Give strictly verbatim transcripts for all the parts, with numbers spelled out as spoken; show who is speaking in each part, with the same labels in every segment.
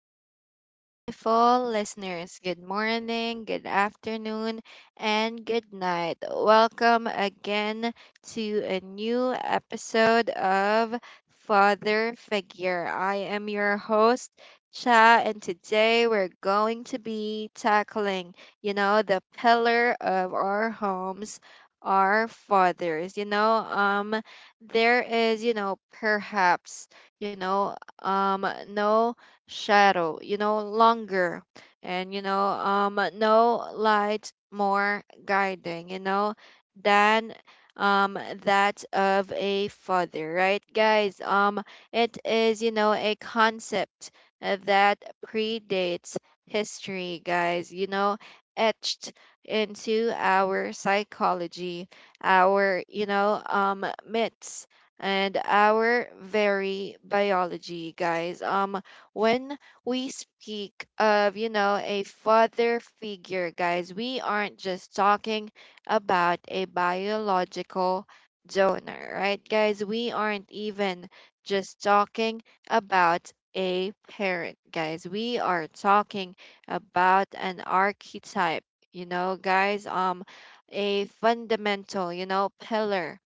Speaker 1: very beautiful listeners. Good morning, good afternoon, and good night. Welcome again to a new episode of Father Figure. I am your host, Cha, and today we're going to be tackling, you know, the pillar of our homes. Our fathers, you know, um, there is, you know, perhaps, you know, um no shadow you know longer and you know um no light more guiding, you know than um that of a father, right, guys. Um it is you know a concept uh, that predates history, guys, you know etched into our psychology, our you know um myths, and our very biology, guys. Um, when we speak of, you know, a father figure, guys, we aren't just talking about a biological donor, right, guys? We aren't even just talking about a parent, guys. We are talking about an archetype, you know, guys. Um, a fundamental, you know, pillar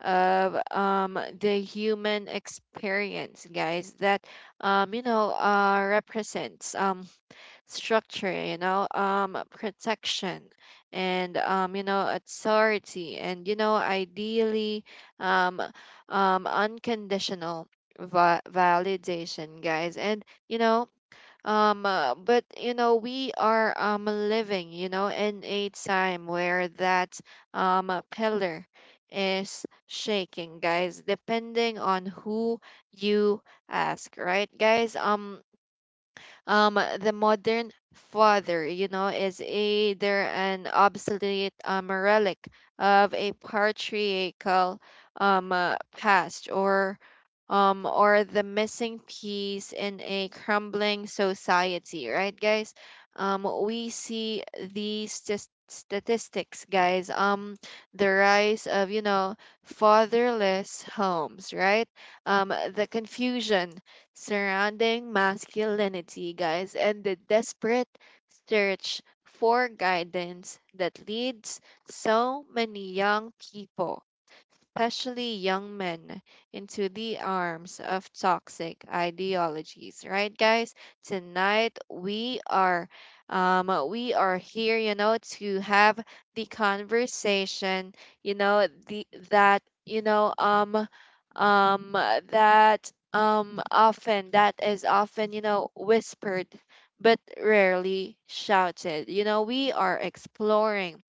Speaker 1: of um, the human experience, guys, that um, you know uh, represents um, structure, you know, um, protection, and um, you know authority, and you know ideally um, um, unconditional va- validation, guys, and you know um, uh, but you know, we are um living, you know, in a time where that um uh, pillar is shaking, guys, depending on who you ask, right? Guys, um um the modern father you know is either an obsolete um, relic of a patriarchal um uh, past, or um or the missing piece in a crumbling society, right, guys. Um we see these stas- statistics, guys. Um the rise of you know fatherless homes, right. Um the confusion surrounding masculinity, guys, and the desperate search for guidance that leads so many young people, especially young men, into the arms of toxic ideologies. Right, guys? Tonight we are um, we are here, you know, to have the conversation, you know, the that you know um um that um often that is often you know whispered but rarely shouted. You know, we are exploring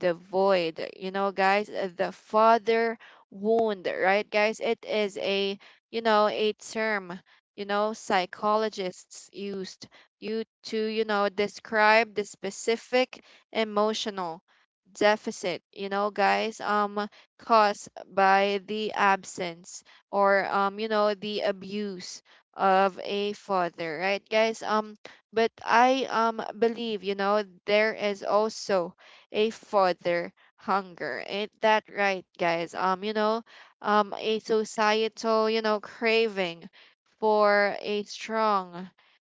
Speaker 1: the void, you know guys, uh, the father wound, right, guys. It is a you know a term, you know psychologists used you to you know describe the specific emotional deficit, you know guys, um caused by the absence or um you know the abuse of a father, right, guys. Um but I um believe, you know there is also a further hunger. Ain't that right, guys? Um, you know, um, a societal, you know, craving for a strong,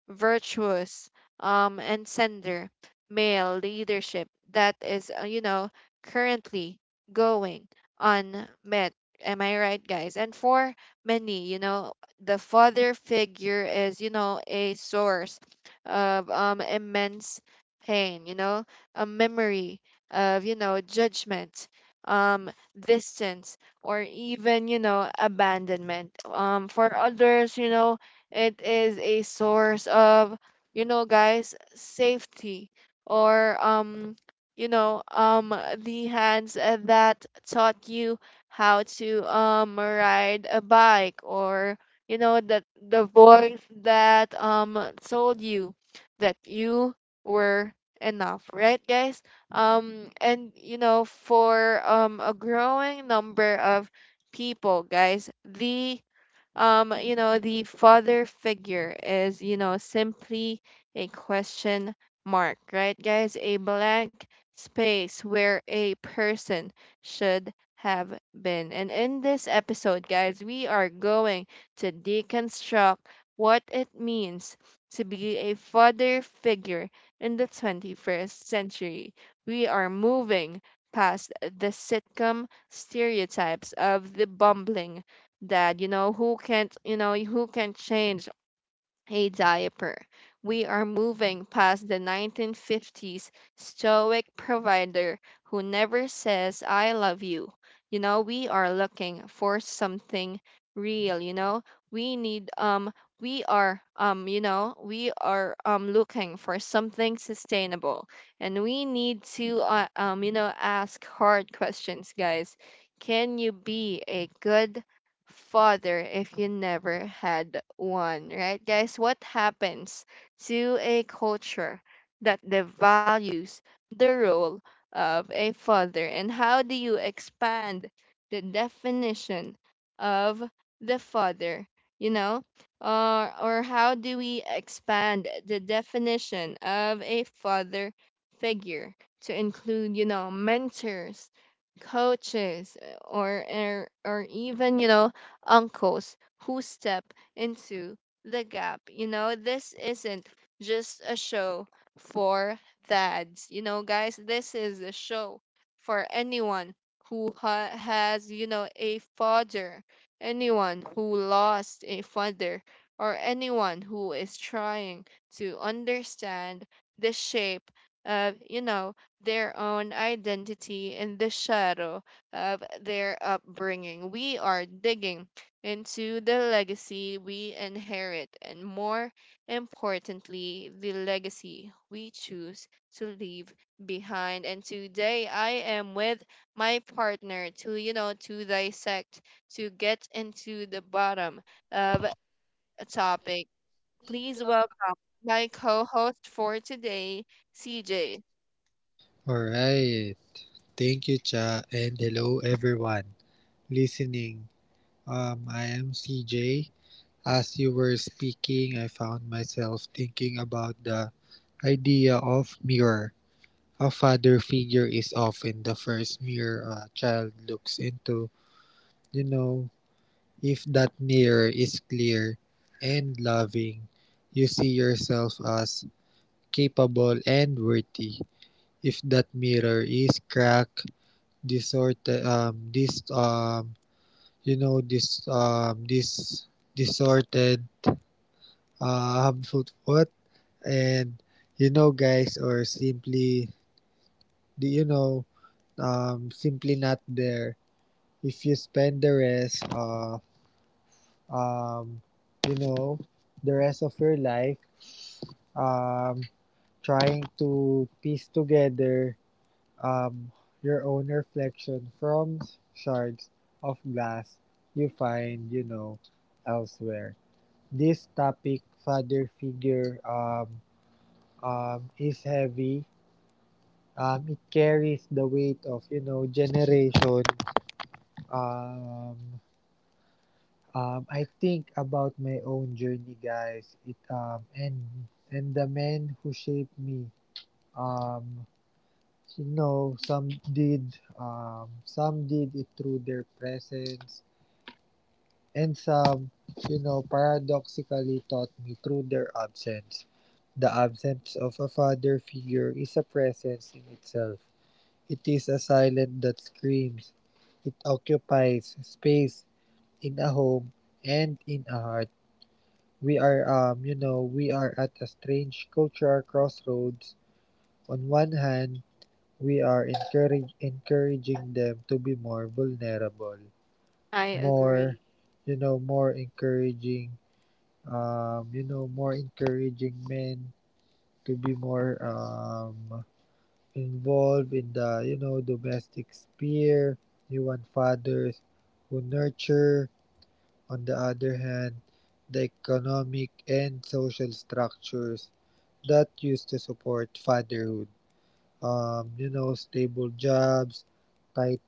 Speaker 1: virtuous um and sender male leadership that is uh, you know currently going unmet. Am I right, guys? And for many, you know the father figure is, you know a source of um immense pain, you know a memory of, you know judgment, um distance, or even, you know abandonment. Um for others, you know it is a source of, you know, guys, safety, or um, you know, um, the hands that taught you how to um ride a bike, or you know that the voice that um told you that you were enough, right, guys? Um, and you know, for um a growing number of people, guys, the um, you know, the father figure is, you know, simply a question mark, right, guys? A blank space where a person should have been. And in this episode, guys, we are going to deconstruct what it means to be a father figure in the twenty-first century. We are moving past the sitcom stereotypes of the bumbling that you know who can't, you know who can change a diaper. We are moving past the nineteen fifties stoic provider who never says "I love you." you know We are looking for something real. you know we need um we are um you know we are um looking for something sustainable, and we need to uh, um you know ask hard questions, guys. Can you be a good father if you never had one, right? Guys, what happens to a culture that devalues the role of a father? And how do you expand the definition of the father? You know? Or, or how do we expand the definition of a father figure to include, you know, mentors, coaches, or, or, or even, you know, uncles who step into the gap. You know, this isn't just a show for dads. You know, guys, this is a show for anyone who ha- has, you know, a father, anyone who lost a father, or anyone who is trying to understand the shape of, you know, their own identity in the shadow of their upbringing. We are digging into the legacy we inherit, and more importantly, the legacy we choose to leave behind. And today I am with my partner to, you know, to dissect, to get into the bottom of a topic. Please welcome my co host for today, C J.
Speaker 2: All right. Thank you, Cha, and hello everyone listening. Um, I am C J. As you were speaking, I found myself thinking about the idea of mirror. A father figure is often the first mirror a child looks into. You know, if that mirror is clear and loving, you see yourself as capable and worthy. If that mirror is cracked, disordered, um this um you know this um this disordered, uh, harmful thought, and you know guys or simply do you know um simply not there. If you spend the rest of, um you know the rest of your life, um trying to piece together, um, your own reflection from shards of glass you find, you know, elsewhere. This topic, father figure, um, um, is heavy. Um, it carries the weight of, you know, generation. Um, um, I think about my own journey, guys. It um, and and the men who shaped me. Um, You know, some did, um, some did it through their presence, and some, you know, paradoxically taught me through their absence. The absence of a father figure is a presence in itself. It is a silence that screams. It occupies space in a home and in a heart. We are, um, you know, we are at a strange cultural crossroads. On one hand, We are encourage encouraging them to be more vulnerable,
Speaker 1: I agree.
Speaker 2: more, you know, more encouraging, um, you know, more encouraging men to be more, um, involved in the, you know, domestic sphere. You want fathers who nurture. On the other hand, the economic and social structures that used to support fatherhood, um, you know, stable jobs,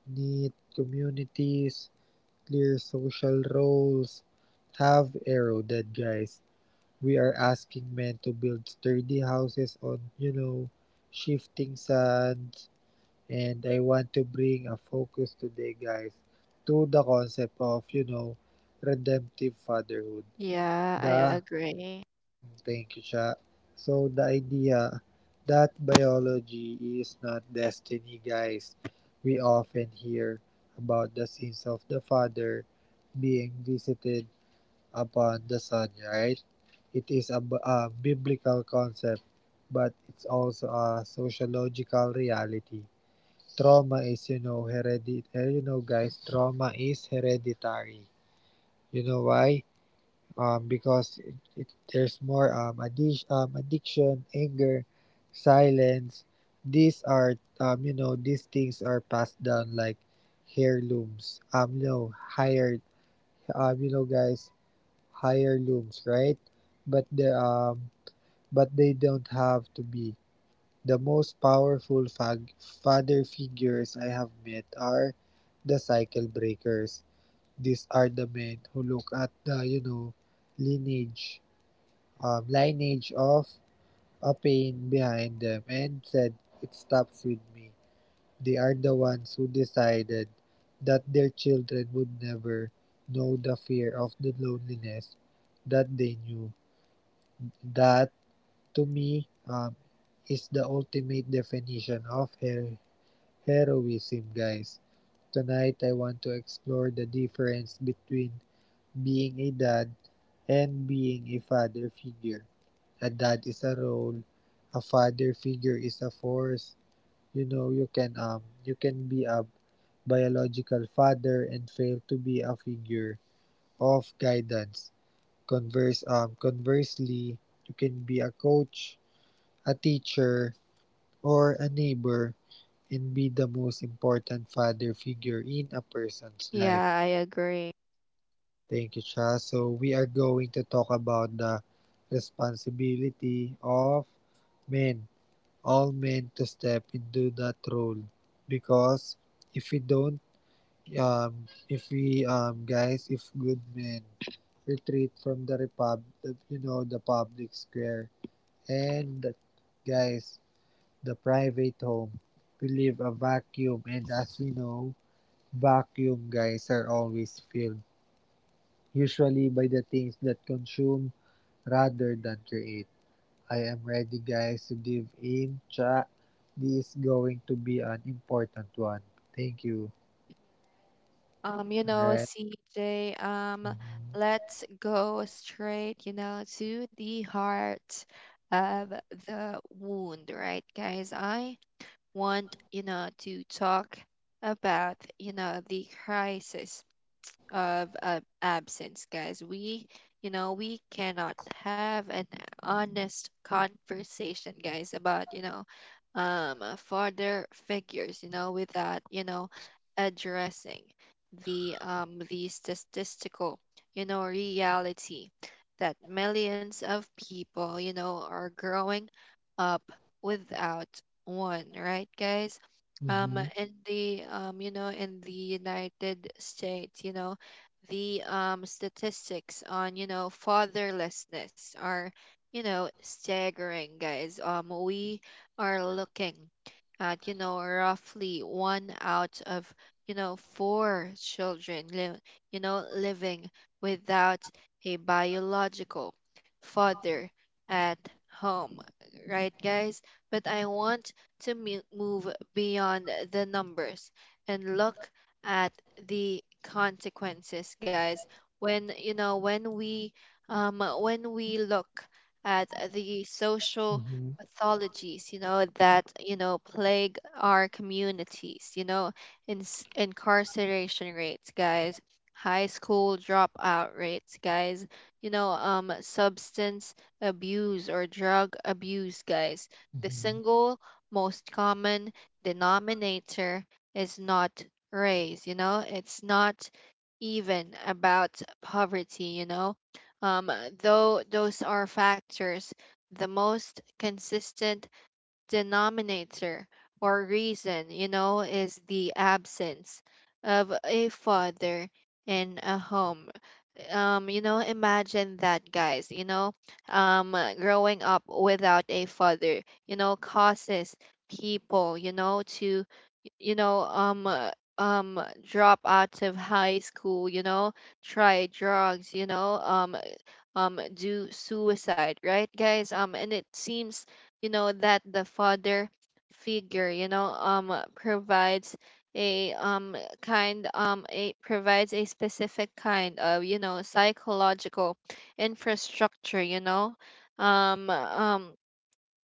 Speaker 2: tight-knit communities, clear social roles. Have arrow dead, guys. We are asking men to build sturdy houses on, you know, shifting sands. And I want to bring a focus today, guys, to the concept of, you know, redemptive fatherhood.
Speaker 1: Yeah, I
Speaker 2: The
Speaker 1: agree.
Speaker 2: Thank you, Cha. So the idea that biology is not destiny, guys. We often hear about the sins of the father being visited upon the son, right? It is a, b- a biblical concept, but it's also a sociological reality. Trauma is, you know, hereditary. You know, guys, trauma is hereditary. You know why? um, because it, it, there's more, um, addi- um, addiction, anger, silence. These are, um, you know these things are passed down like heirlooms. Um, you know hired um, you know guys heirlooms, right? But the um but they don't have to be. The most powerful fag- father figures I have met are the cycle breakers. These are the men who look at the you know lineage, um, lineage of a pain behind them and said, it stops with me. They are the ones who decided that their children would never know the fear of the loneliness that they knew. That, to me, um, is the ultimate definition of her- heroism, guys. Tonight, I want to explore the difference between being a dad and being a father figure. A dad is a role, a father figure is a force. You know, you can um you can be a biological father and fail to be a figure of guidance. Converse um conversely, you can be a coach, a teacher, or a neighbor and be the most important father figure in a
Speaker 1: Yeah,
Speaker 2: person's
Speaker 1: I
Speaker 2: life.
Speaker 1: agree.
Speaker 2: Thank you, Cha. So we are going to talk about the responsibility of men, all men, to step into that role because if we don't, um if we um guys if good men retreat from the repub you know the public square and, guys, the private home, we leave a vacuum, and as we know, vacuum guys are always filled, usually by the things that consume rather than create. I am ready, guys, to dive in. Chat, this is going to be an important one. Thank you.
Speaker 1: Um, you know,
Speaker 2: Alright.
Speaker 1: C J, um, let's go straight, you know, to the heart of the wound, right, guys? I want, you know, to talk about, you know, the crisis of uh, absence, guys. We, you know, we cannot have an honest conversation, guys, about, you know, um, uh, father figures, you know, without, you know, addressing the um the statistical, you know, reality that millions of people, you know, are growing up without one, right, guys? Um
Speaker 2: Mm-hmm.
Speaker 1: in the um you know in the United States, you know the um, statistics on you know fatherlessness are, you know staggering, guys. Um we are looking at, you know roughly one out of, you know four children li- you know living without a biological father at home, right, guys. But I want to me- move beyond the numbers and look at the consequences, guys. When you know when we um When we look at the social
Speaker 2: Mm-hmm.
Speaker 1: pathologies, you know that, you know plague our communities, you know in incarceration rates, guys. High school dropout rates, guys. You know um substance abuse or drug abuse, guys. The
Speaker 2: Mm-hmm.
Speaker 1: single most common denominator is not raise you know it's not even about poverty, you know um, though those are factors. The most consistent denominator or reason, you know is the absence of a father in a home. Um you know imagine that, guys. You know um growing up without a father, you know causes people, you know to, you know, um, uh, um, drop out of high school, you know, try drugs, you know, um, um, do suicide, right, guys? Um, and it seems, you know, that the father figure, you know, um, uh, provides a um kind um a provides a specific kind of you know psychological infrastructure. you know um um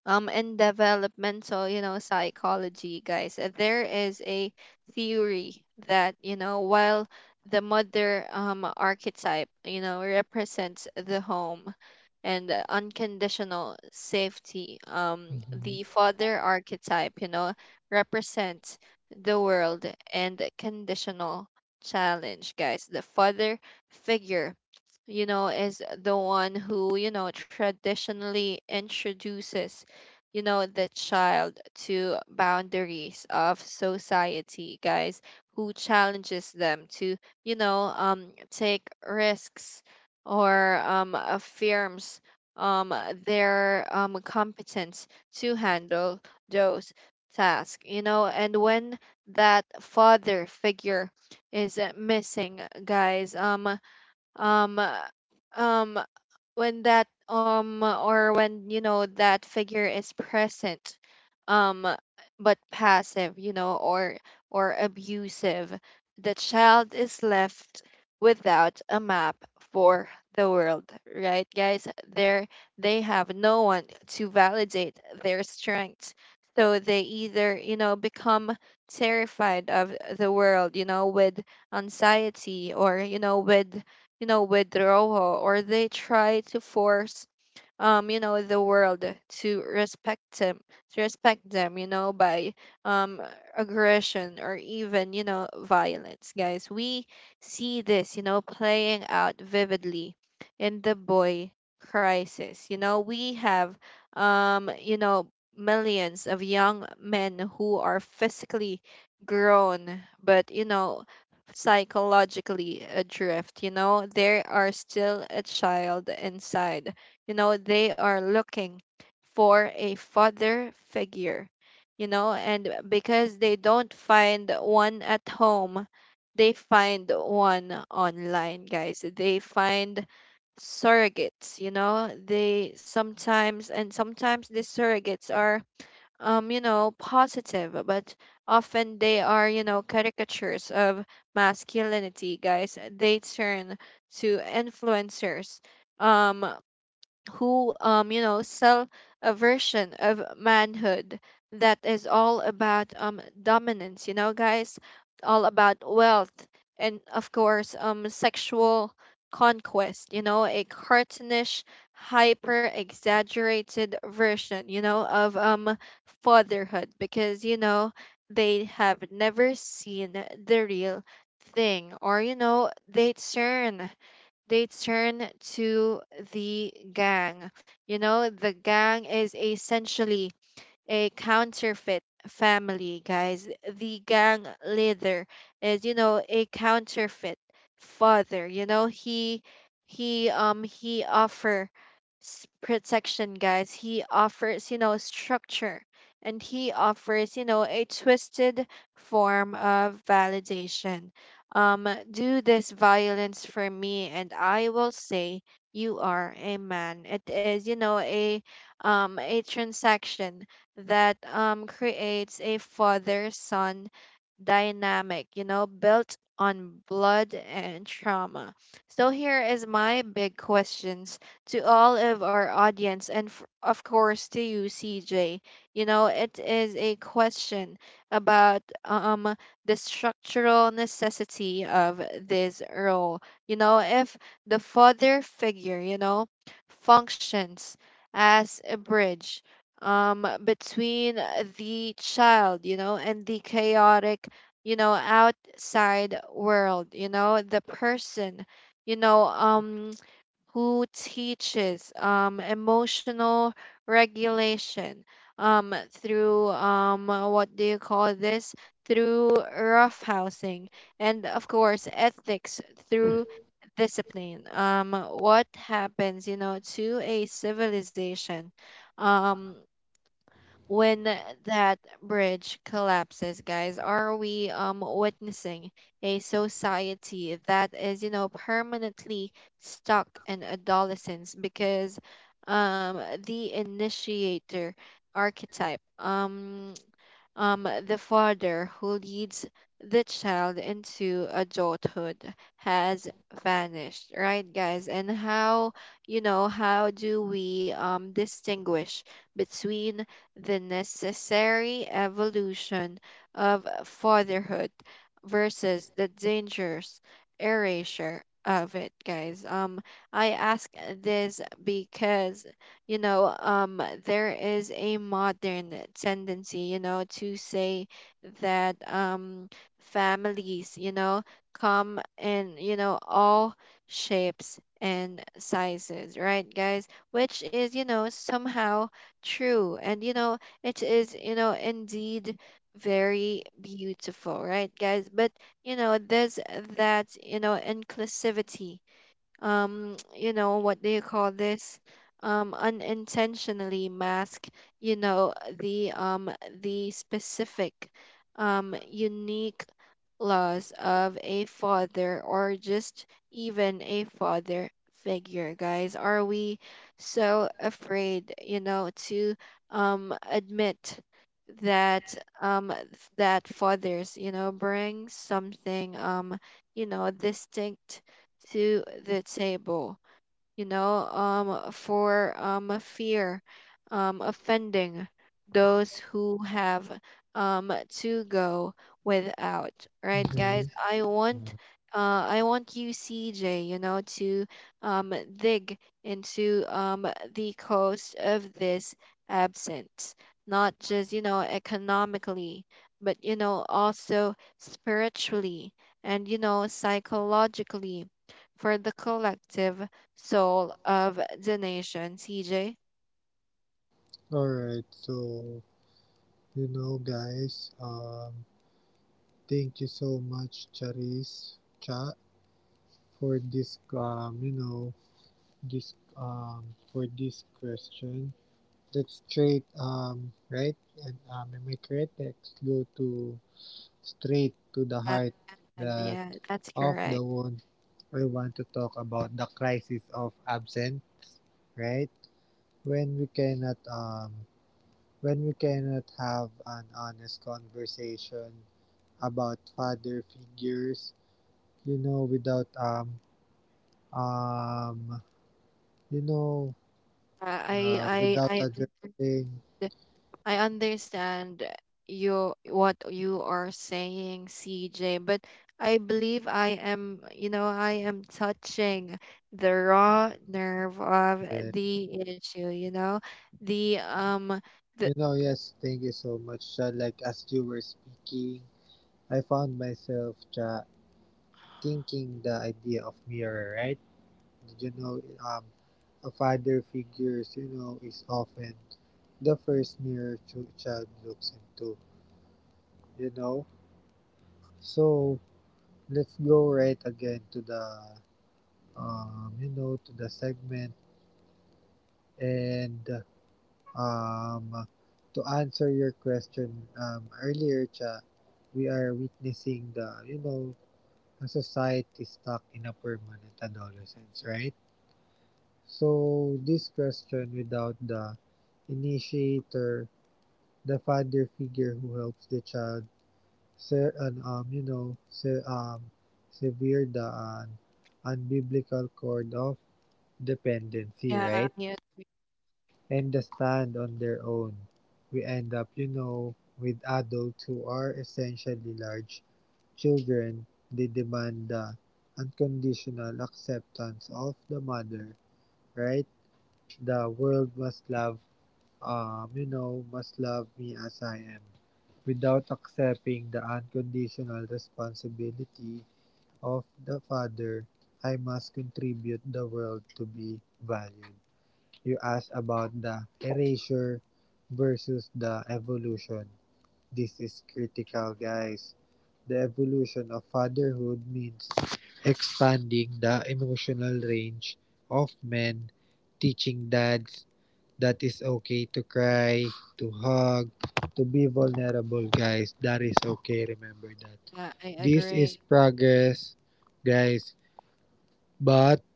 Speaker 1: um in developmental, you know psychology, guys, uh, there is a theory that, you know while the mother um archetype, you know represents the home and unconditional safety. Um, the father archetype, you know, represents the world and conditional challenge, guys. The father figure, you know, is the one who, you know, traditionally introduces, you know, the child to boundaries of society, guys, who challenges them to, you know, um, take risks, or um, uh, firms um, they're um, competent to handle those tasks, you know. And when that father figure is uh, missing, guys. um, um uh, um when that um or when, you know that figure is present, um but passive, you know or or abusive, the child is left without a map for the world, right, guys. There They have no one to validate their strengths, so they either, you know become terrified of the world, you know with anxiety, or, you know with you know, withdrawal, or they try to force, um you know the world to respect them, to respect them you know by um aggression, or even, you know violence, guys. We see this, you know playing out vividly in the boy crisis. you know we have um you know millions of young men who are physically grown but, you know psychologically adrift. You know they are still a child inside. You know, they are looking for a father figure, you know, and because they don't find one at home, they find one online, guys. They find surrogates, you know, they sometimes, and sometimes these surrogates are Um, you know, positive, but often they are, you know, caricatures of masculinity, guys. They turn to influencers, um who um you know sell a version of manhood that is all about um dominance, you know guys, all about wealth, and of course um sexual conquest, you know a cartoonish, hyper exaggerated version, you know of um fatherhood. Because, you know they have never seen the real thing. Or, you know they turn they turn to the gang. You know, the gang is essentially a counterfeit family, guys. The gang leader is, you know, a counterfeit father. You know, he he um he offers protection, guys. He offers, you know, structure, and he offers, you know, a twisted form of validation. Um, do this violence for me, and I will say you are a man. It is, you know, a um a transaction that um, creates a father son dynamic, you know, built on blood and trauma. So here is my big questions to all of our audience and f- of course to you C J. You know, it is a question about um the structural necessity of this role. You know, if the father figure, you know, functions as a bridge um, between the child, you know, and the chaotic, you know, outside world, you know, the person, you know, um, who teaches um, emotional regulation um, through um, what do you call this? Through roughhousing, and of course, ethics through discipline. Um, what happens, you know, to a civilization? um when that bridge collapses, guys, are we um witnessing a society that is, you know, permanently stuck in adolescence because um the initiator archetype um um, the father who leads the child into adulthood has vanished, right, guys? And how, you know, how do we um, distinguish between the necessary evolution of fatherhood versus the dangerous erasure of it, guys? Um, I ask this because you know um there is a modern tendency you know to say that um families you know come in you know all shapes and sizes, right, guys, which is you know somehow true and you know it is you know indeed very beautiful, right, guys, but you know there's that you know inclusivity um you know what do you call this um unintentionally mask you know the um the specific um unique laws of a father or just even a father figure, guys, are we so afraid you know to um admit that um that fathers you know bring something um you know distinct to the table, you know, um, for um, a fear um, offending those who have um, to go without. Right, guys?
Speaker 2: Mm-hmm.
Speaker 1: I want.
Speaker 2: Mm-hmm.
Speaker 1: Uh, I want you, C J, you know, to um, dig into um, the cost of this absence, not just, you know, economically, but, you know, also spiritually and, you know, psychologically for the collective soul of the nation, C J.
Speaker 2: Alright, so, you know guys, um thank you so much, Charis chat, for this, um you know this um for this question. Let's straight um right and um am I correct? Let's go to straight to the
Speaker 1: Uh,
Speaker 2: heart that
Speaker 1: yeah, that's
Speaker 2: of
Speaker 1: correct.
Speaker 2: the one. We want to talk about the crisis of absence, right? When we cannot, um when we cannot have an honest conversation about father figures, you know, without um um you know
Speaker 1: Uh, I
Speaker 2: uh,
Speaker 1: I
Speaker 2: without
Speaker 1: I understand,
Speaker 2: addressing
Speaker 1: I understand you what you are saying, C J, but I believe I am, you know, I am touching the raw nerve of
Speaker 2: the
Speaker 1: the issue, you know, the um the
Speaker 2: you know yes, thank you so much, Cha. Like as you were speaking, I found myself, Cha, thinking the idea of mirror, right? You know, um, a father figures, you know, is often the first mirror ch- child looks into, you know. So let's go right again to the, um, you know, to the segment, and, um, to answer your question, um, earlier, Cha, we are witnessing the, you know, a society stuck in a permanent adolescence, right? So this question: without the initiator, the father figure who helps the child, ser an um you know ser um severed the an unbiblical cord of dependency,
Speaker 1: yeah,
Speaker 2: right?
Speaker 1: yeah,
Speaker 2: And the stand on their own. We end up, you know, with adults who are essentially large children. They demand the unconditional acceptance of the mother, right? The world must love, um, you know, must love me as I am, without accepting the unconditional responsibility of the Father. I must contribute the world to be valued. You asked about the erasure versus the evolution. This is critical, guys. The evolution of fatherhood means expanding the emotional range of men, teaching dads that is okay to cry, to hug, to be vulnerable, guys. That is okay. Remember that.
Speaker 1: yeah, I
Speaker 2: This
Speaker 1: agree.
Speaker 2: is progress, guys. But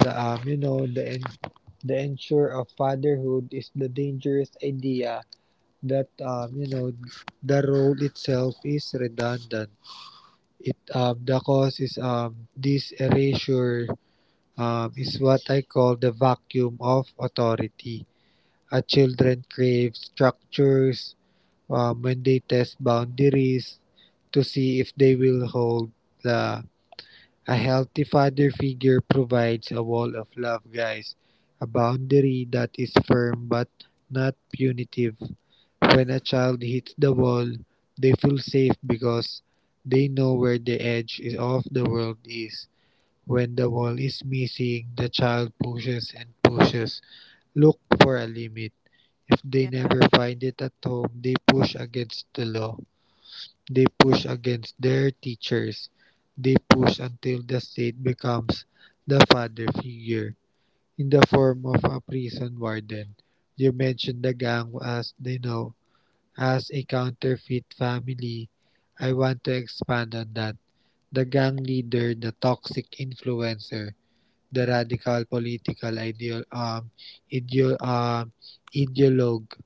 Speaker 2: the um, you know, the the ensure of fatherhood is the dangerous idea that, um, you know, the role itself is redundant. It um, the cause is, um, this erasure, um, is what I call the vacuum of authority. A children crave structures, um, when they test boundaries to see if they will hold. The, a healthy father figure provides a wall of love, guys, a boundary that is firm but not punitive. When a child hits the wall, they feel safe because they know where the edge of the world is. When the wall is missing, the child pushes and pushes. Look for a limit. If they
Speaker 1: Yeah.
Speaker 2: never find it at home, they push against the law. They push against their teachers. They push until the state becomes the father figure in the form of a prison warden. You mentioned the gang as they know as a counterfeit family. I want to expand on that. The gang leader, the toxic influencer, the radical political ideal um ideal um ideologue.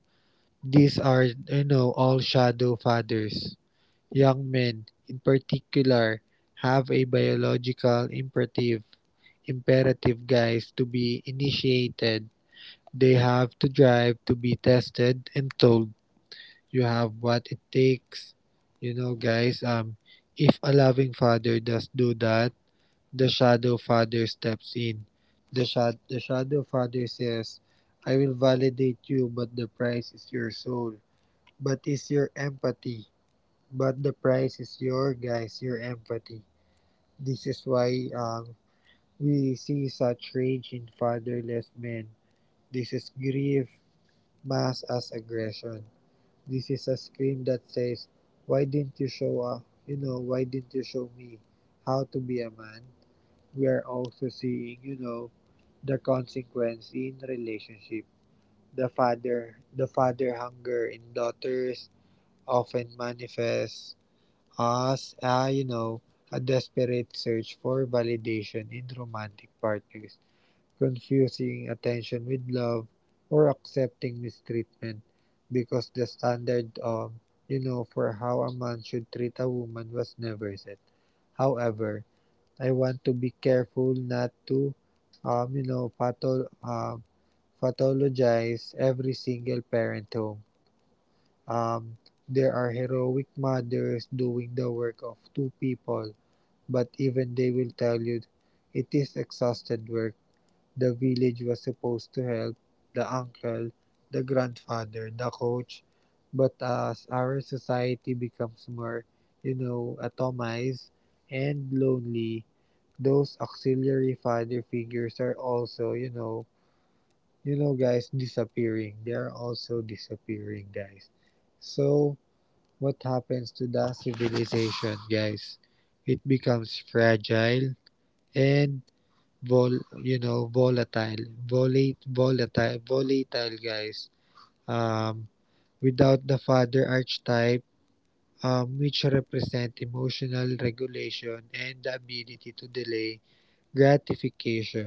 Speaker 2: These are, you know all shadow fathers. Young men, in particular, have a biological imperative imperative, guys, to be initiated. They have to drive to be tested and told, you have what it takes. You know, guys, um if a loving father does do that, the shadow father steps in. The shad the shadow father says, I will validate you but the price is your soul. But is your empathy but the price is your, guys, your empathy. This is why, um, we see such rage in fatherless men. This is grief masked as aggression. This is a scream that says, "Why didn't you show up? You know, why didn't you show me how to be a man?" We are also seeing, you know, the consequence in relationship. The father, the father hunger in daughters often manifests as, uh, you know, a desperate search for validation in romantic partners, confusing attention with love, or accepting mistreatment because the standard, um you know for how a man should treat a woman was never set. However, I want to be careful not to, um you know patho- um pathologize every single parent home. Um, there are heroic mothers doing the work of two people, but even they will tell you it is exhausted work. The village was supposed to help, the uncle, the grandfather, the coach, but as our society becomes more, you know, atomized and lonely, those auxiliary father figures are also, you know, you know guys disappearing. They are also disappearing, guys. So, what happens to the civilization, guys? It becomes fragile and vol, you know, volatile, volat, volatile, volatile, guys. Um, without the father archetype, um, which represent emotional regulation and the ability to delay gratification,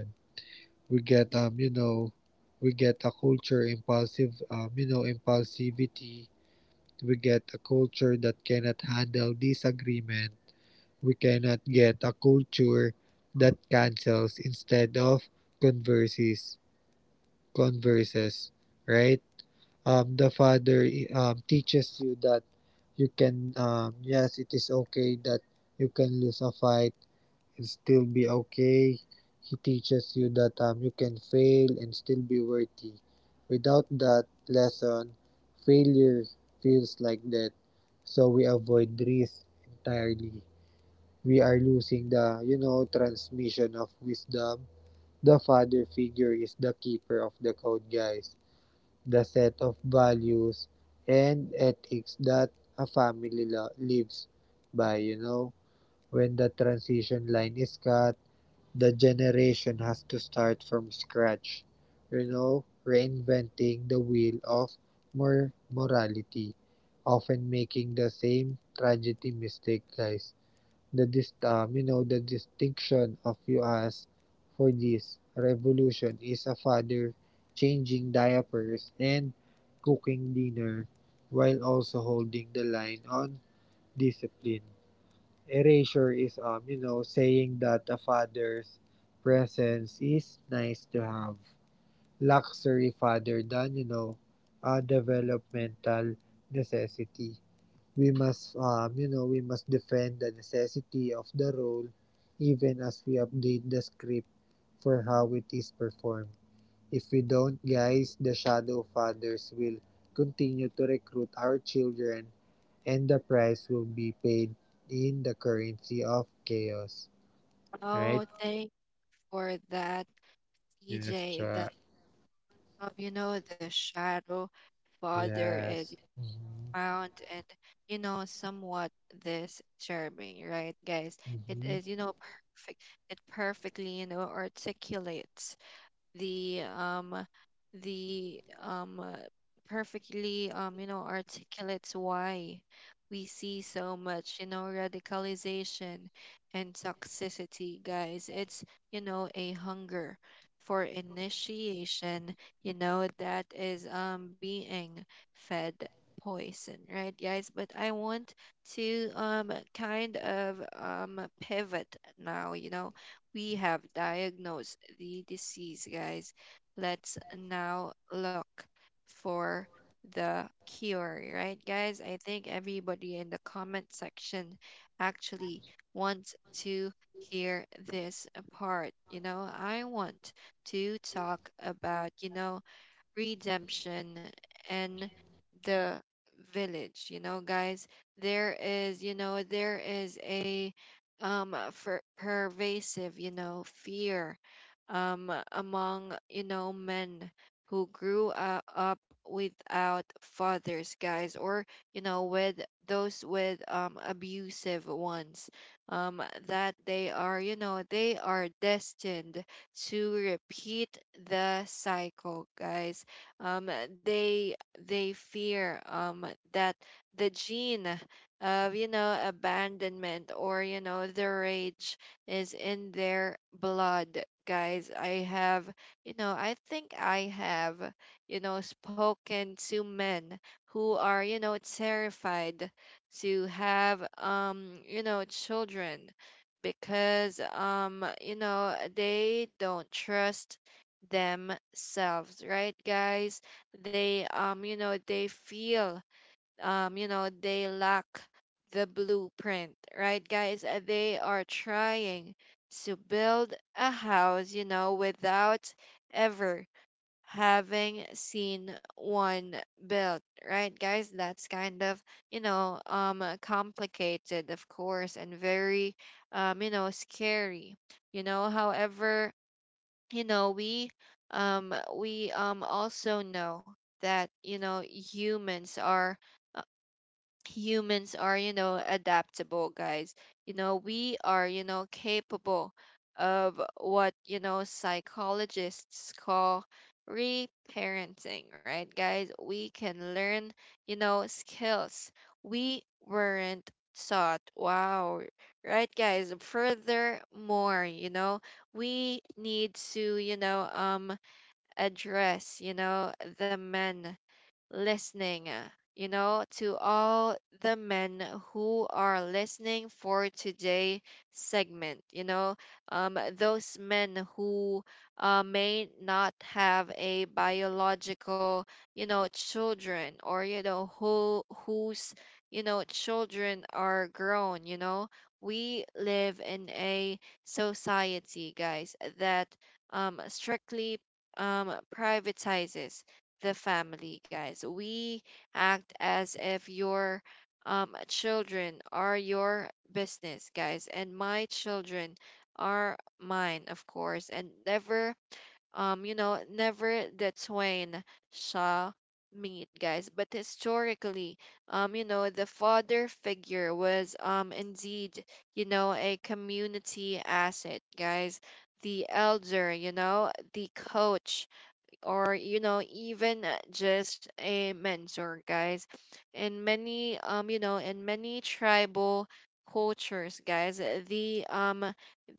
Speaker 2: we get um, you know, we get a culture impulsive, um, you know, impulsivity. We get a culture that cannot handle disagreement. We cannot get a culture that cancels instead of converses converses, right? Um the father, um teaches you that you can, um yes, it is okay that you can lose a fight and still be okay. He teaches you that, um you can fail and still be worthy. Without that lesson, failure feels like that, so we avoid risk entirely. We are losing the, you know, transmission of wisdom. The father figure is the keeper of the code, guys. The set of values and ethics that a family lives by, you know. When the transition line is cut, the generation has to start from scratch, you know, reinventing the wheel of more morality, often making the same tragedy mistake, guys. The dis- um, you know the distinction of U S for this revolution is a father changing diapers and cooking dinner while also holding the line on discipline. Erasure is um you know saying that a father's presence is nice to have. Luxury father than you know a developmental necessity. We must um, you know we must defend the necessity of the role even as we update the script for how it is performed. If we don't, guys, the shadow fathers will continue to recruit our children, and the price will be paid in the currency of chaos. Right.
Speaker 1: Oh, thanks for that,
Speaker 2: Yes,
Speaker 1: C J.
Speaker 2: Cha.
Speaker 1: Of you know the shadow father is
Speaker 2: Yes.
Speaker 1: found and you know somewhat this charming, right, guys, it
Speaker 2: Mm-hmm.
Speaker 1: is you know perfect it perfectly you know articulates the um the um uh, perfectly um you know articulates why we see so much you know radicalization and toxicity, guys, it's you know a hunger for initiation you know that is um being fed poison, right, guys, but I want to um kind of um pivot now. You know, we have diagnosed the disease, guys. Let's now look for the cure, right, guys? I think everybody in the comment section actually wants to hear this part. You know, I want to talk about, you know, redemption and the village. You know, guys, there is you know there is a um for pervasive you know fear um among you know men who grew uh, up without fathers, guys, or you know with those with um abusive ones um that they are you know they are destined to repeat the cycle, guys. um, they they fear um, that the gene of you know abandonment or you know the rage is in their blood, guys. I have you know I think I have you know spoken to men who are you know terrified to have um you know children because um you know they don't trust themselves, right, guys. They um you know they feel um you know they lack the blueprint, right, guys. Uh, they are trying to build a house you know without ever having seen one built, right, guys. That's kind of you know um uh, complicated of course and very um you know scary, you know. However, you know we um we um also know that you know humans are humans are you know adaptable, guys. You know we are you know capable of what you know psychologists call reparenting, right, guys. We can learn you know skills we weren't taught. Wow. Right, guys. Furthermore, you know, we need to you know um address you know the men listening, uh, you know, to all the men who are listening for today segment, you know, um, those men who uh, may not have a biological, you know, children or, you know, who whose, you know, children are grown, you know. We live in a society, guys, that um, strictly um, privatizes the family, guys. We act as if your um, children are your business, guys, and my children are mine, of course, and never, um, you know, never the twain shall meet, guys. But historically, um, you know, the father figure was, um, indeed, you know, a community asset, guys. The elder, you know, the coach, or you know even uh, just a mentor, guys, in many um you know in many tribal cultures, guys, the um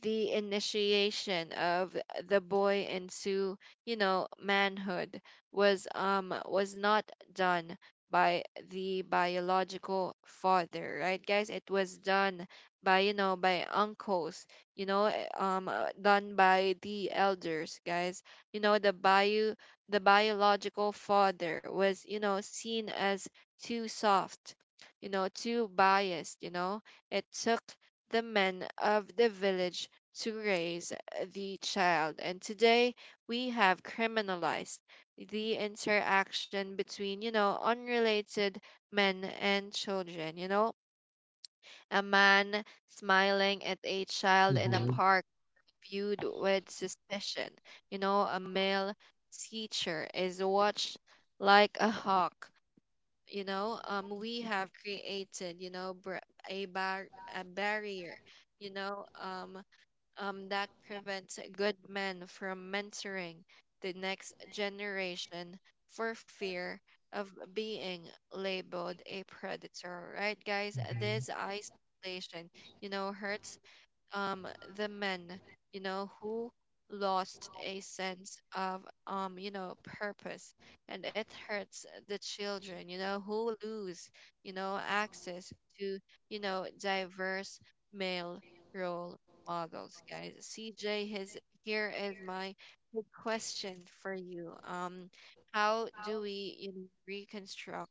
Speaker 1: the initiation of the boy into you know manhood was um was not done by the biological father, right, guys. It was done by you know by uncles, you know, eh, um uh, done by the elders, guys. You know the bayou the biological father was you know seen as too soft, you know too biased, you know. It took the men of the village to raise the child and today we have criminalized the interaction between you know unrelated men and children. You know, a man smiling at a child in a
Speaker 2: Mm-hmm.
Speaker 1: park viewed with suspicion. You know, a male teacher is watched like a hawk. You know, um, we have created, you know, br- a bar a barrier, you know, um, um, that prevents good men from mentoring the next generation for fear of being labeled a predator, right, guys? This
Speaker 2: Mm-hmm.
Speaker 1: isolation, you know, hurts um the men you know who lost a sense of um you know purpose and it hurts the children you know who lose you know access to you know diverse male role models, guys. CJ, his here is my big question for you. Um how do we you know reconstruct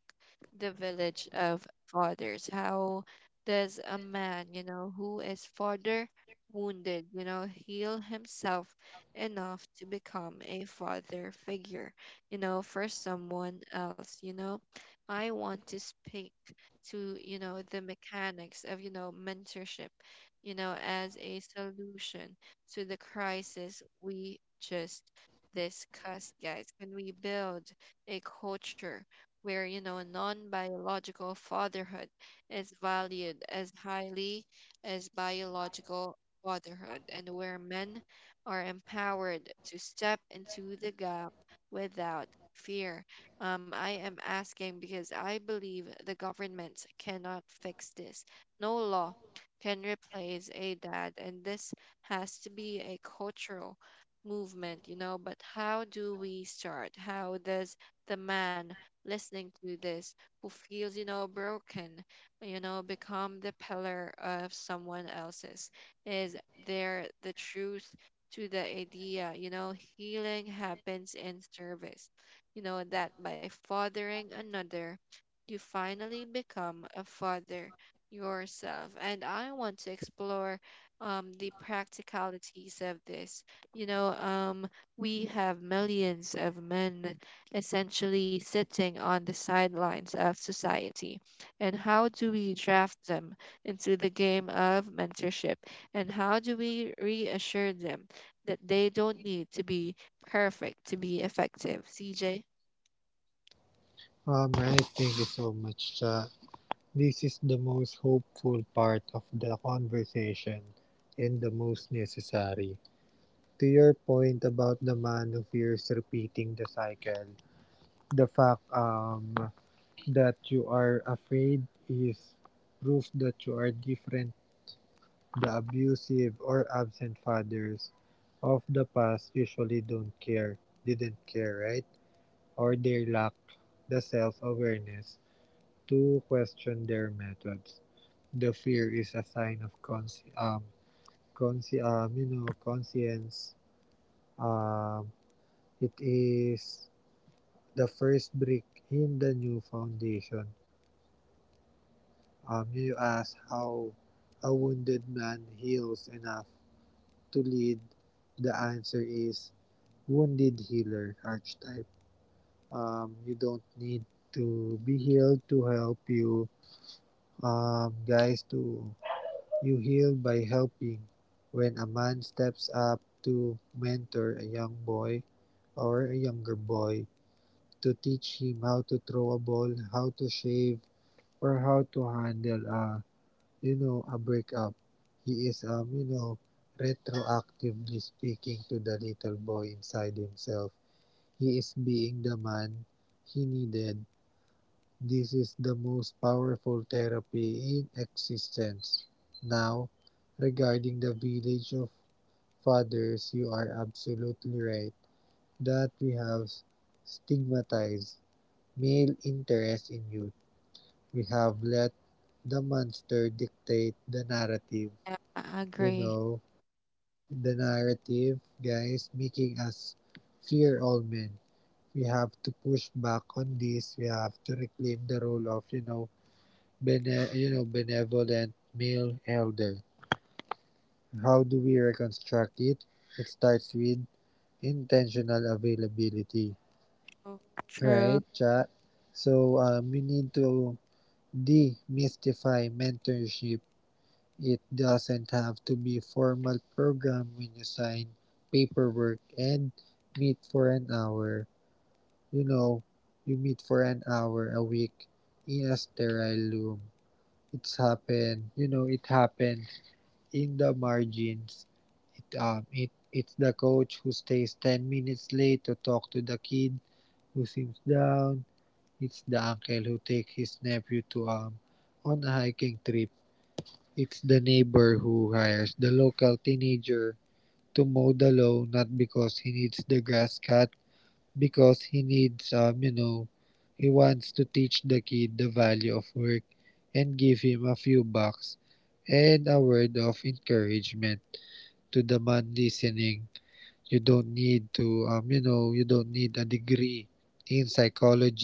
Speaker 1: the village of fathers? How does a man, you know, who is father wounded, you know, heal himself enough to become a father figure, you know, for someone else, you know. I want to speak to, you know, the mechanics of, you know, mentorship, you know, as a solution to the crisis we just discussed, guys. Can we build a culture where, you know, non biological fatherhood is valued as highly as biological fatherhood and where men are empowered to step into the gap without fear. Um, I am asking because I believe the government cannot fix this. No law can replace a dad, and this has to be a cultural movement, you know. But how do we start? How does the man listening to this who feels, you know, broken, you know, become the pillar of someone else's? Is there the truth to the idea, you know, healing happens in service. You know, that by fathering another, you finally become a father yourself. And I want to explore um, the practicalities of this. You know, um, we have millions of men essentially sitting on the sidelines of society. And how do we draft them into the game of mentorship? And how do we reassure them that they don't need to be perfect to be effective? C J?
Speaker 2: Um, right, thank you so much, Cha. This is the most hopeful part of the conversation and the most necessary. To your point about the man who fears repeating the cycle, the fact um, that you are afraid is proof that you are different. The abusive or absent fathers of the past usually don't care, didn't care, right? Or they lack the self awareness to question their methods. The fear is a sign of consci- um, consci- um, you know, conscience. Um, it is the first brick in the new foundation. Um, you ask how a wounded man heals enough to lead. The answer is wounded healer archetype. Um, you don't need to be healed to help you, um, guys. To You heal by helping. When a man steps up to mentor a young boy or a younger boy, to teach him how to throw a ball, how to shave, or how to handle a, you know, a breakup, he is, um, you know, retroactively speaking to the little boy inside himself. He is being the man he needed. This is the most powerful therapy in existence. Now, regarding the village of fathers, you are absolutely right that we have stigmatized male interest in youth. We have let the monster dictate the narrative.
Speaker 1: Yeah, I
Speaker 2: You
Speaker 1: agree.
Speaker 2: know, the narrative, guys, making us fear all men. We have to push back on this. We have to reclaim the role of, you know, bene, you know, benevolent male elder. How do we reconstruct it? It starts with intentional availability,
Speaker 1: Oh,
Speaker 2: right,
Speaker 1: true.
Speaker 2: chat? So, um, we need to demystify mentorship. It doesn't have to be formal program when you sign paperwork and meet for an hour. You know, you meet for an hour a week in a sterile room. It's happened, you know, it happened in the margins. It, um, it it's the coach who stays ten minutes late to talk to the kid who seems down. It's the uncle who takes his nephew to um on a hiking trip. It's the neighbor who hires the local teenager to mow the lawn, not because he needs the grass cut, because he needs um you know he wants to teach the kid the value of work and give him a few bucks and a word of encouragement. To the man listening, you don't need to, um, you know, you don't need a degree in psychology.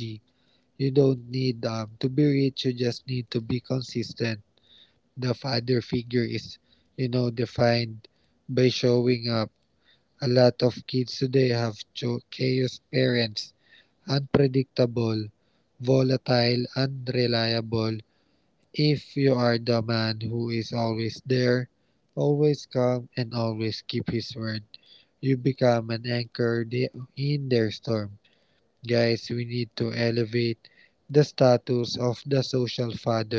Speaker 2: You don't need, um, to be rich. You just need to be consistent. The father figure is, you know, defined by showing up. A lot of kids today have cho- chaos parents, unpredictable, volatile, unreliable. If you are the man who is always there, always calm, and always keep his word, you become an anchor in their storm. Guys, we need to elevate the status of the social father.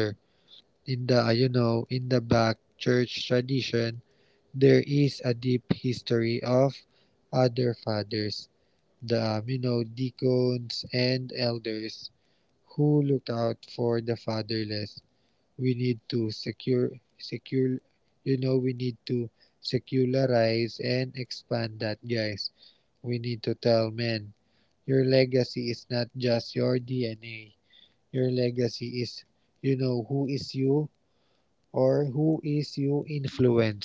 Speaker 2: In the, uh, you know, in the back church tradition, there is a deep history of other fathers, the, um, you know, deacons and elders who look out for the fatherless. We need to secure, secure, you know, we need to secularize and expand that, guys. We need to tell men, your legacy is not just your D N A. Your legacy is, you know, who is you or who is you influence.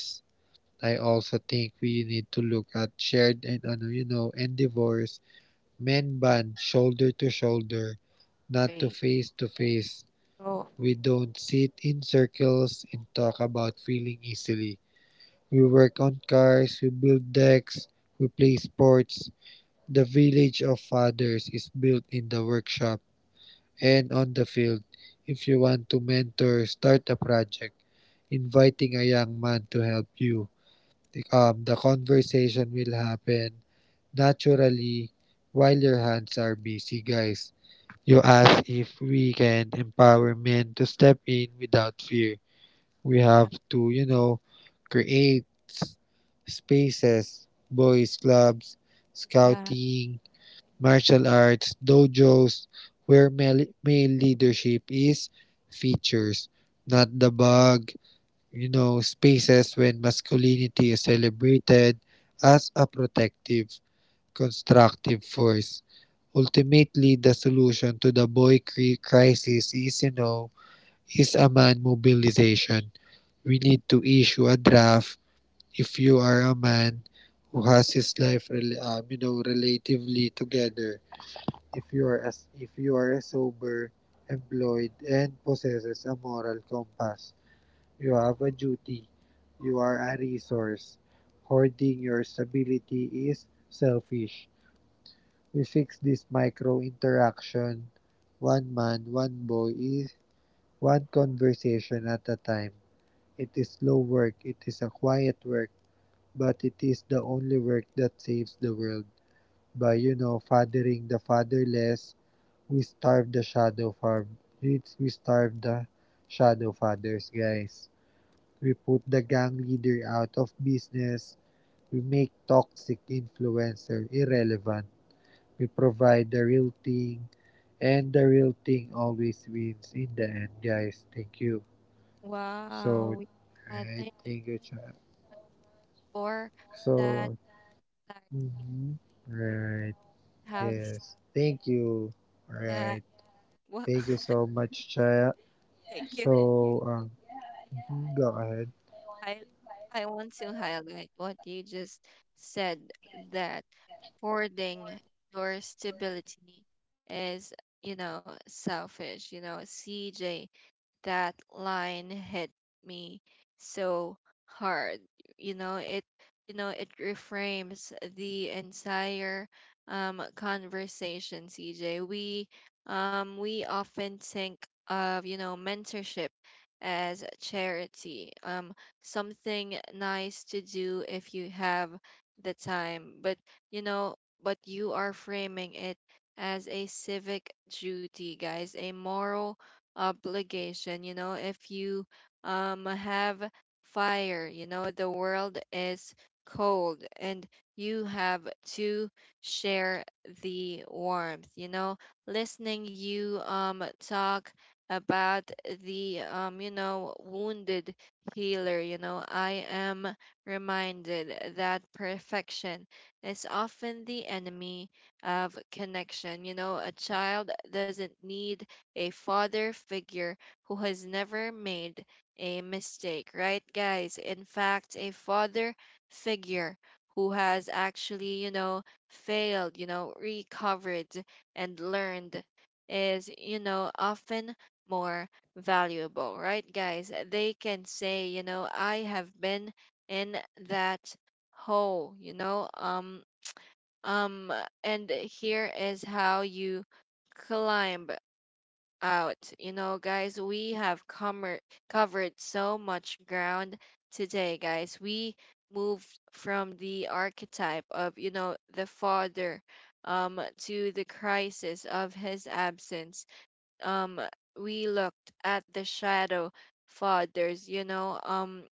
Speaker 2: I also think we need to look at shared and ano, you know, endeavors, men band shoulder to shoulder, not to
Speaker 1: Great.
Speaker 2: face to face.
Speaker 1: Oh,
Speaker 2: We don't sit in circles and talk about feeling easily. We work on cars, we build decks, we play sports. The Village of Fathers is built in the workshop and on the field. If you want to mentor, start a project, inviting a young man to help you. Um, the conversation will happen naturally while your hands are busy, guys. You ask if we can empower men to step in without fear. We have
Speaker 1: yeah,
Speaker 2: to, you know, create spaces, boys' clubs,
Speaker 1: yeah.
Speaker 2: scouting, martial arts dojos where male, male leadership is features, not the bug, you know, spaces when masculinity is celebrated as a protective, constructive force. Ultimately, the solution to the boy cri- crisis is, you know, is a man mobilization. We need to issue a draft if you are a man who has his life rel- um, you know, relatively together, if you are as if you are a sober, employed, and possesses a moral compass. You have a duty. You are a resource. Hoarding your stability is selfish. We fix this micro interaction. One man, one boy is one conversation at a time. It is slow work, it is a quiet work, but it is the only work that saves the world. By you know, fathering the fatherless, we starved the shadow far we, we starved the shadow fathers, guys. We put the gang leader out of business. We make toxic influencer irrelevant. We provide the real thing, and the real thing always wins in the end, guys. Thank you.
Speaker 1: Wow.
Speaker 2: So,
Speaker 1: Uh, thank
Speaker 2: right, thank you, child.
Speaker 1: you for that.
Speaker 2: So, mhm, right,
Speaker 1: I have s-
Speaker 2: yes, thank you.
Speaker 1: uh,
Speaker 2: Right,
Speaker 1: wa-
Speaker 2: thank you so much, child.
Speaker 1: Thank you.
Speaker 2: So, um, mhm, go ahead.
Speaker 1: I I want to highlight what you just said that hoarding your stability is, you know, selfish. You know, C J, that line hit me so hard. You know, it you know, it reframes the entire um conversation, C J. We um we often think of, you know, mentorship as a charity, um something nice to do if you have the time, but you know, but you are framing it as a civic duty, guys, a moral obligation. You know, if you um have fire, you know, the world is cold and you have to share the warmth. You know, listening you um talk about the um you know wounded healer, you know, I am reminded that perfection is often the enemy of connection. You know, a child doesn't need a father figure who has never made a mistake, right, guys? In fact, a father figure who has actually, you know, failed, you know, recovered and learned is, you know, often more valuable, right, guys? They can say, you know, I have been in that hole, you know, um, um, and here is how you climb out. You know, guys, we have comer- covered so much ground today, guys. We moved from the archetype of, you know, the father um, to the crisis of his absence. Um, we looked at the shadow fathers, you know, um,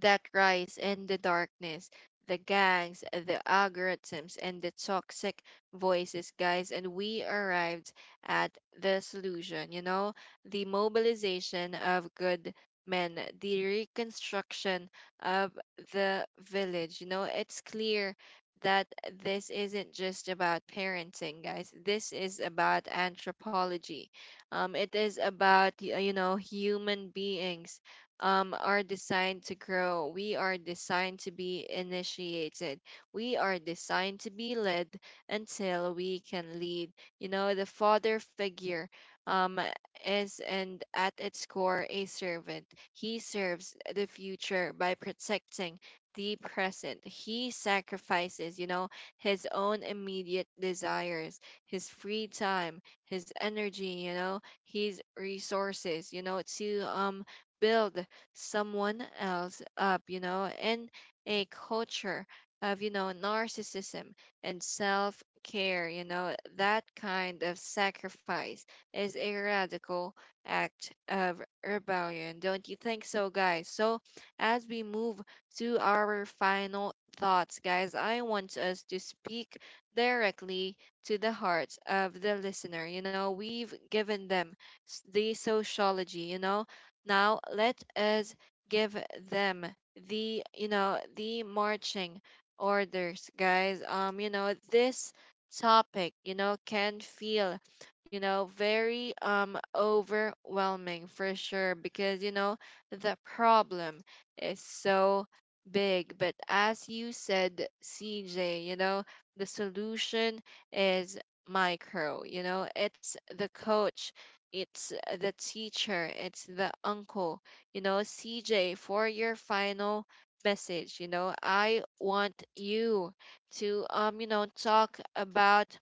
Speaker 1: that rise in the darkness, the gangs, the algorithms, and the toxic voices, guys. And we arrived at the solution, you know, the mobilization of good men, the reconstruction of the village. You know, it's clear that this isn't just about parenting, guys. This is about anthropology. Um it is about y- you know human beings um, are designed to grow. We are designed to be initiated. We are designed to be led until we can lead. You know, the father figure um, is, and at its core, a servant. He serves the future by protecting the present. He sacrifices, you know, his own immediate desires, his free time, his energy, you know, his resources, you know, to um build someone else up, you know, and a culture of, you know, narcissism and self care, you know, that kind of sacrifice is a radical act of rebellion. Don't you think so, guys? So, as we move to our final thoughts, guys, I want us to speak directly to the heart of the listener. You know, we've given them s- the sociology, you know, now let us give them the you know the marching orders, guys. Um, you know this topic you know can feel you know very um overwhelming for sure, because you know the problem is so big, but as you said, C J, you know the solution is micro. You know it's the coach, it's uh, the teacher, it's the uncle. you know, C J, for your final message, you know, I want you to, um, you know, talk about,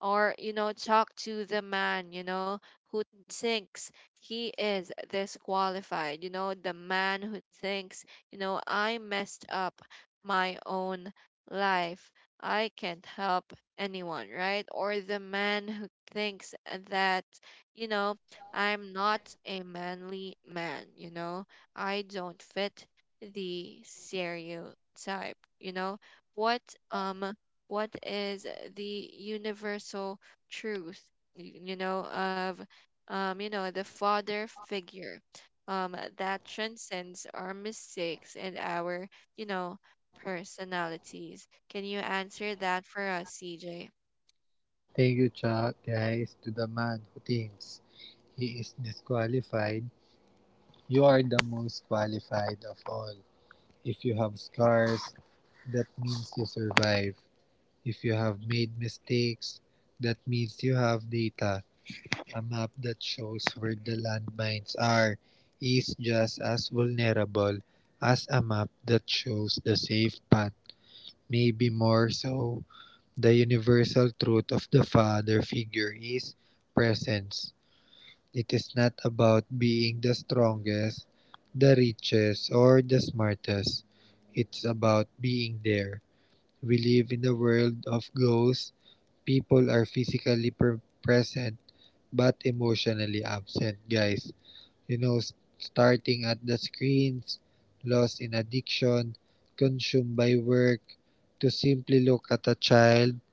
Speaker 1: or you know talk to the man you know who thinks he is disqualified. You know the man who thinks, you know I messed up my own life. I can't help anyone, right? Or the man who thinks that you know I'm not a manly man. you know I don't fit the stereotype. you know what um what is the universal truth y- you know of um you know the father figure um that transcends our mistakes and our you know personalities. Can you answer that for us, CJ?
Speaker 2: Thank you, Chuck. Guys, to the man who thinks he is disqualified, you are the most qualified of all. If you have scars, that means you survive. If you have made mistakes, that means you have data. A map that shows where the landmines are is just as vulnerable as a map that shows the safe path. Maybe more so, the universal truth of the father figure is presence. It is not about being the strongest, the richest, or the smartest. It's about being there. We live in a world of ghosts. People are physically pre- present but emotionally absent, guys. You know, s- starting at the screens, lost in addiction, consumed by work, to simply look at a child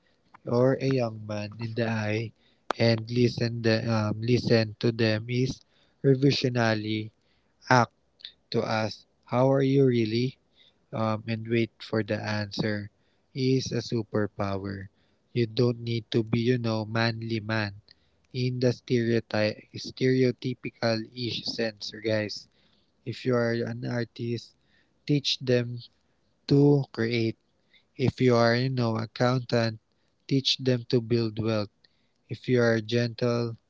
Speaker 2: or a young man in the eye and listen the, um, listen to them is revisionally act to ask how are you really, um, and wait for the answer is a superpower. You don't need to be you know manly man in the stereotype stereotypical ish sense, guys. If you are an artist, teach them to create. If you are you know accountant, teach them to build wealth. If you are gentle,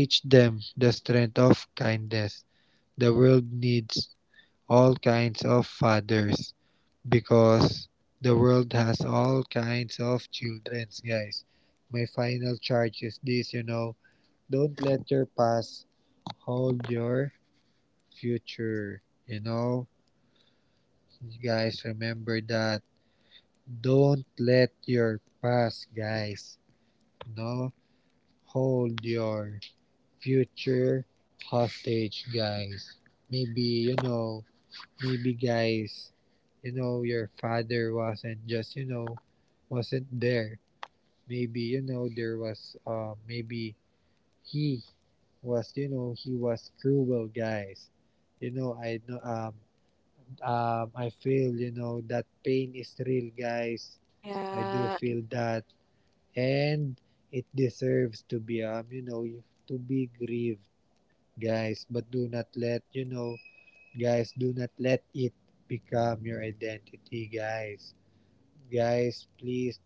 Speaker 2: teach them the strength of kindness. The world needs all kinds of fathers because the world has all kinds of children, guys. My final charge is this, you know, Don't let your past hold your future. You know, you guys remember that. Don't let your past, guys, you know, hold your future hostage, guys. Maybe, you know, maybe guys, you know, your father wasn't just, you know, wasn't there. Maybe, you know, there was, uh, maybe he was, you know, he was cruel, guys. You know, I know, um, um, I feel, you know, that pain is real, guys. I do
Speaker 1: Yeah,
Speaker 2: feel that. And it deserves to be, um, you know, to be grieved, guys, but do not let, you know guys, do not let it become your identity, guys. Guys, please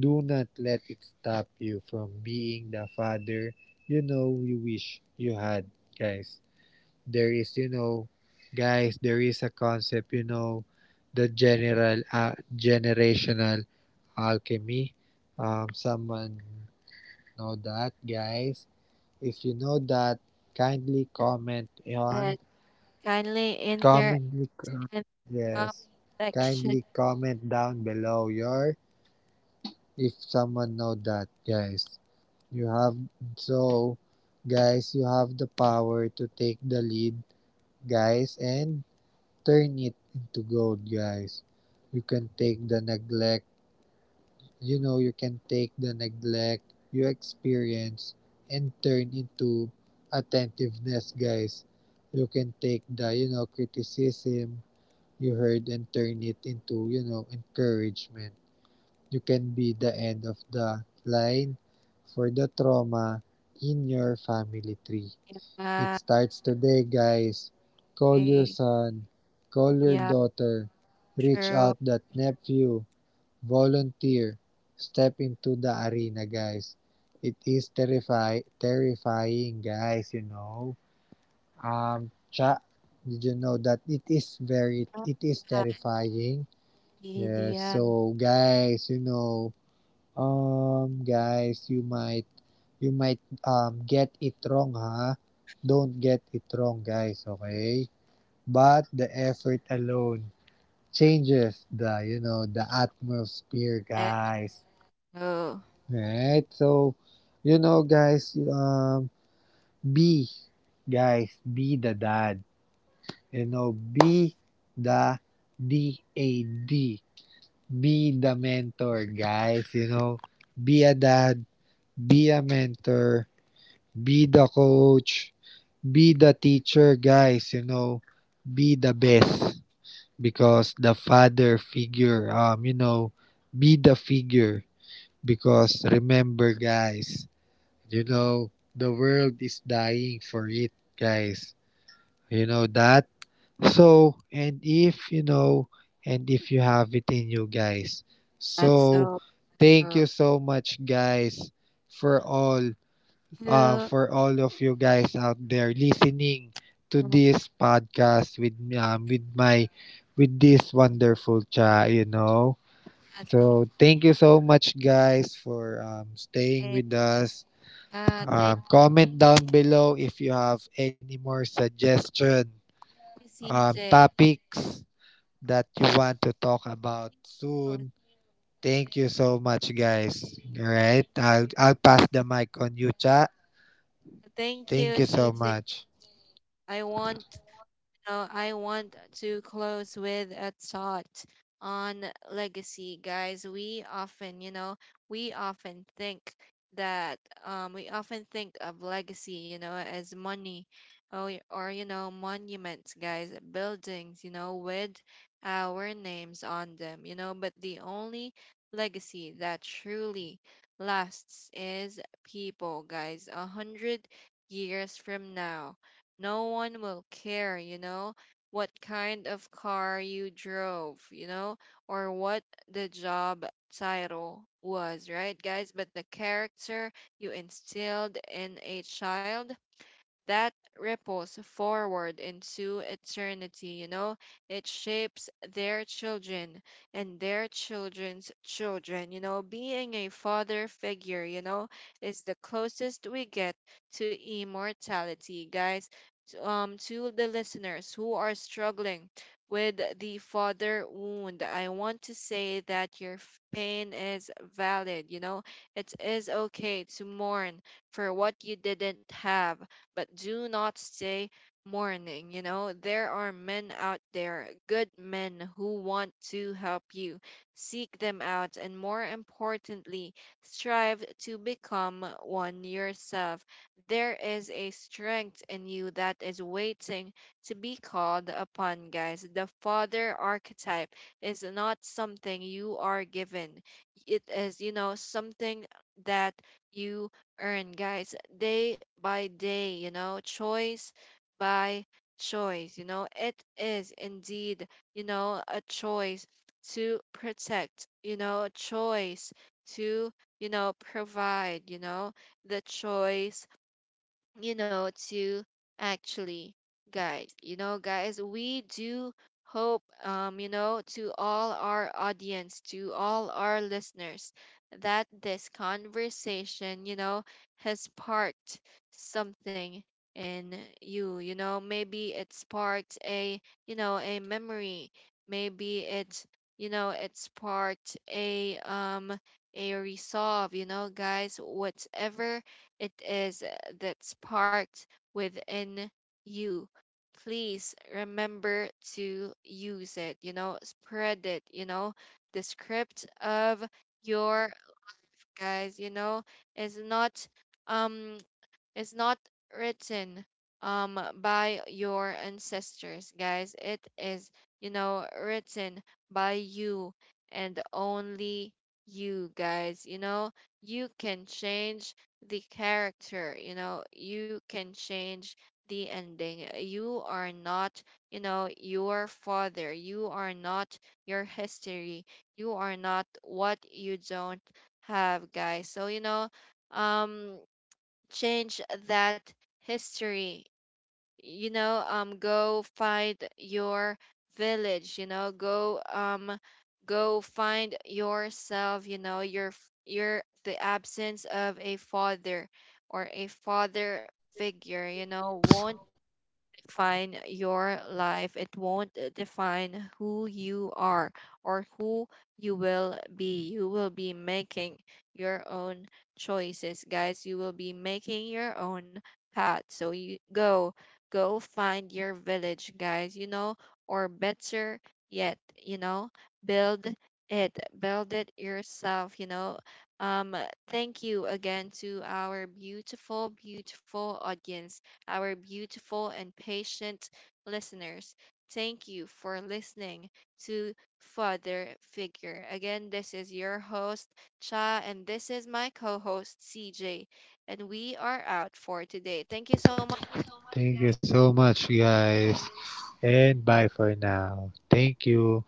Speaker 2: do not let it stop you from being the father you know you wish you had, guys. There is, you know guys, there is a concept, you know the general uh, generational alchemy. Um someone know that, guys. If you know that, kindly comment
Speaker 1: and
Speaker 2: on.
Speaker 1: kindly enter
Speaker 2: Commonly, co-
Speaker 1: in the
Speaker 2: yes.
Speaker 1: section.
Speaker 2: Kindly comment down below your if someone know that, guys. You have so, guys. You have the power to take the lead, guys, and turn it into gold, guys. You can take the neglect. You know, you can take the neglect you experience and turn into attentiveness, guys. You can take the you know criticism you heard and turn it into, you know, encouragement. You can be the end of the line for the trauma in your family tree.
Speaker 1: Yeah,
Speaker 2: It starts today, guys. Call
Speaker 1: okay.
Speaker 2: your son, call your
Speaker 1: Yeah,
Speaker 2: daughter, reach
Speaker 1: true.
Speaker 2: out that nephew, volunteer, step into the arena, guys. It is terrify terrifying, guys, you know. Um, cha, did you know that it is very, it is terrifying? Yes,
Speaker 1: Idea.
Speaker 2: so guys, you know, um, guys, you might, you might, um, get it wrong, ha? Don't get it wrong, guys, okay? But the effort alone changes the, you know, the atmosphere,
Speaker 1: That's
Speaker 2: guys.
Speaker 1: so.
Speaker 2: Right? So, you know, guys, um, be, guys, be the dad. You know, be the D A D Be the mentor, guys. You know, be a dad, be a mentor, be the coach, be the teacher, guys. You know, be the best because the father figure, um, you know, be the figure because remember, guys, you know, the world is dying for it, guys. You know that. So, and if you know, and if you have it in you, guys.
Speaker 1: That's
Speaker 2: So,
Speaker 1: so
Speaker 2: thank you so much, guys, for all uh
Speaker 1: true.
Speaker 2: for all of you guys out there listening to
Speaker 1: Uh,
Speaker 2: this podcast with um with my with this wonderful chat, you know. So, thank you so much, guys, for um staying
Speaker 1: okay.
Speaker 2: with us.
Speaker 1: Uh, thank
Speaker 2: Um, comment down below if you have any more suggestion
Speaker 1: you,
Speaker 2: um
Speaker 1: C J.
Speaker 2: topics that you want to talk about
Speaker 1: Oh,
Speaker 2: soon. Thank you so much, guys. All right, I'll I'll pass the mic on you, Cha.
Speaker 1: thank you,
Speaker 2: Thank you so
Speaker 1: C J.
Speaker 2: much.
Speaker 1: I want So I want to close with a thought on legacy, guys. We often, you know, we often think that um, we often think of legacy, you know, as money, or, or, you know, monuments, guys, buildings, you know, with our names on them, you know, but the only legacy that truly lasts is people, guys. A hundred years from now, no one will care, you know, what kind of car you drove, you know, or what the job title was, right, guys? But the character you instilled in a child, that ripples forward into eternity, you know? It shapes their children and their children's children. You know, being a father figure, you know, is the closest we get to immortality, guys. T- Um, to the listeners who are struggling with the father wound, I want to say that your f- pain is valid. You know, it is okay to mourn for what you didn't have, but do not stay mourning. You know, there are men out there, good men who want to help you. Seek them out, and more importantly, strive to become one yourself. There is a strength in you that is waiting to be called upon, guys. The father archetype is not something you are given, it is, you know, something that you earn, guys, day by day, you know, choice by choice. You know, it is indeed, you know, a choice to protect, you know, a choice to, you know, provide, you know, the choice, you know, to actually guide. You know, guys, we do hope, um, you know, to all our audience, to all our listeners, that this conversation, you know, has sparked something in you. You know, maybe it sparked a, you know, a memory. Maybe it, you know, it sparked a, um, a resolve. You know, guys, whatever it is that sparked within you. Please remember to use it, you know, spread it, you know. The script of your guys, you know, is not um is not written um by your ancestors, guys. It is you know written by you, and only you, guys. You know you can change the character. You know you can change the ending. You are not, you know your father. You are not your history. You are not what you don't have, guys. So, you know um change that history. You know um go find your village. you know go um go find yourself. you know your f- your The absence of a father or a father figure you know won't define your life. It won't uh, define who you are, or who you will be. You will be making your own choices, guys. You will be making your own path. So you go, go find your village, guys, you know, or better yet, you know, build it, build it yourself, you know. Um, Thank you again to our beautiful, beautiful audience, our beautiful and patient listeners. Thank you for listening to Father Figure. Again, this is your host, Cha, and this is my co host, C J, and we are out for today. Thank you so much
Speaker 2: Thank you so much, guys. And bye for now. Thank you.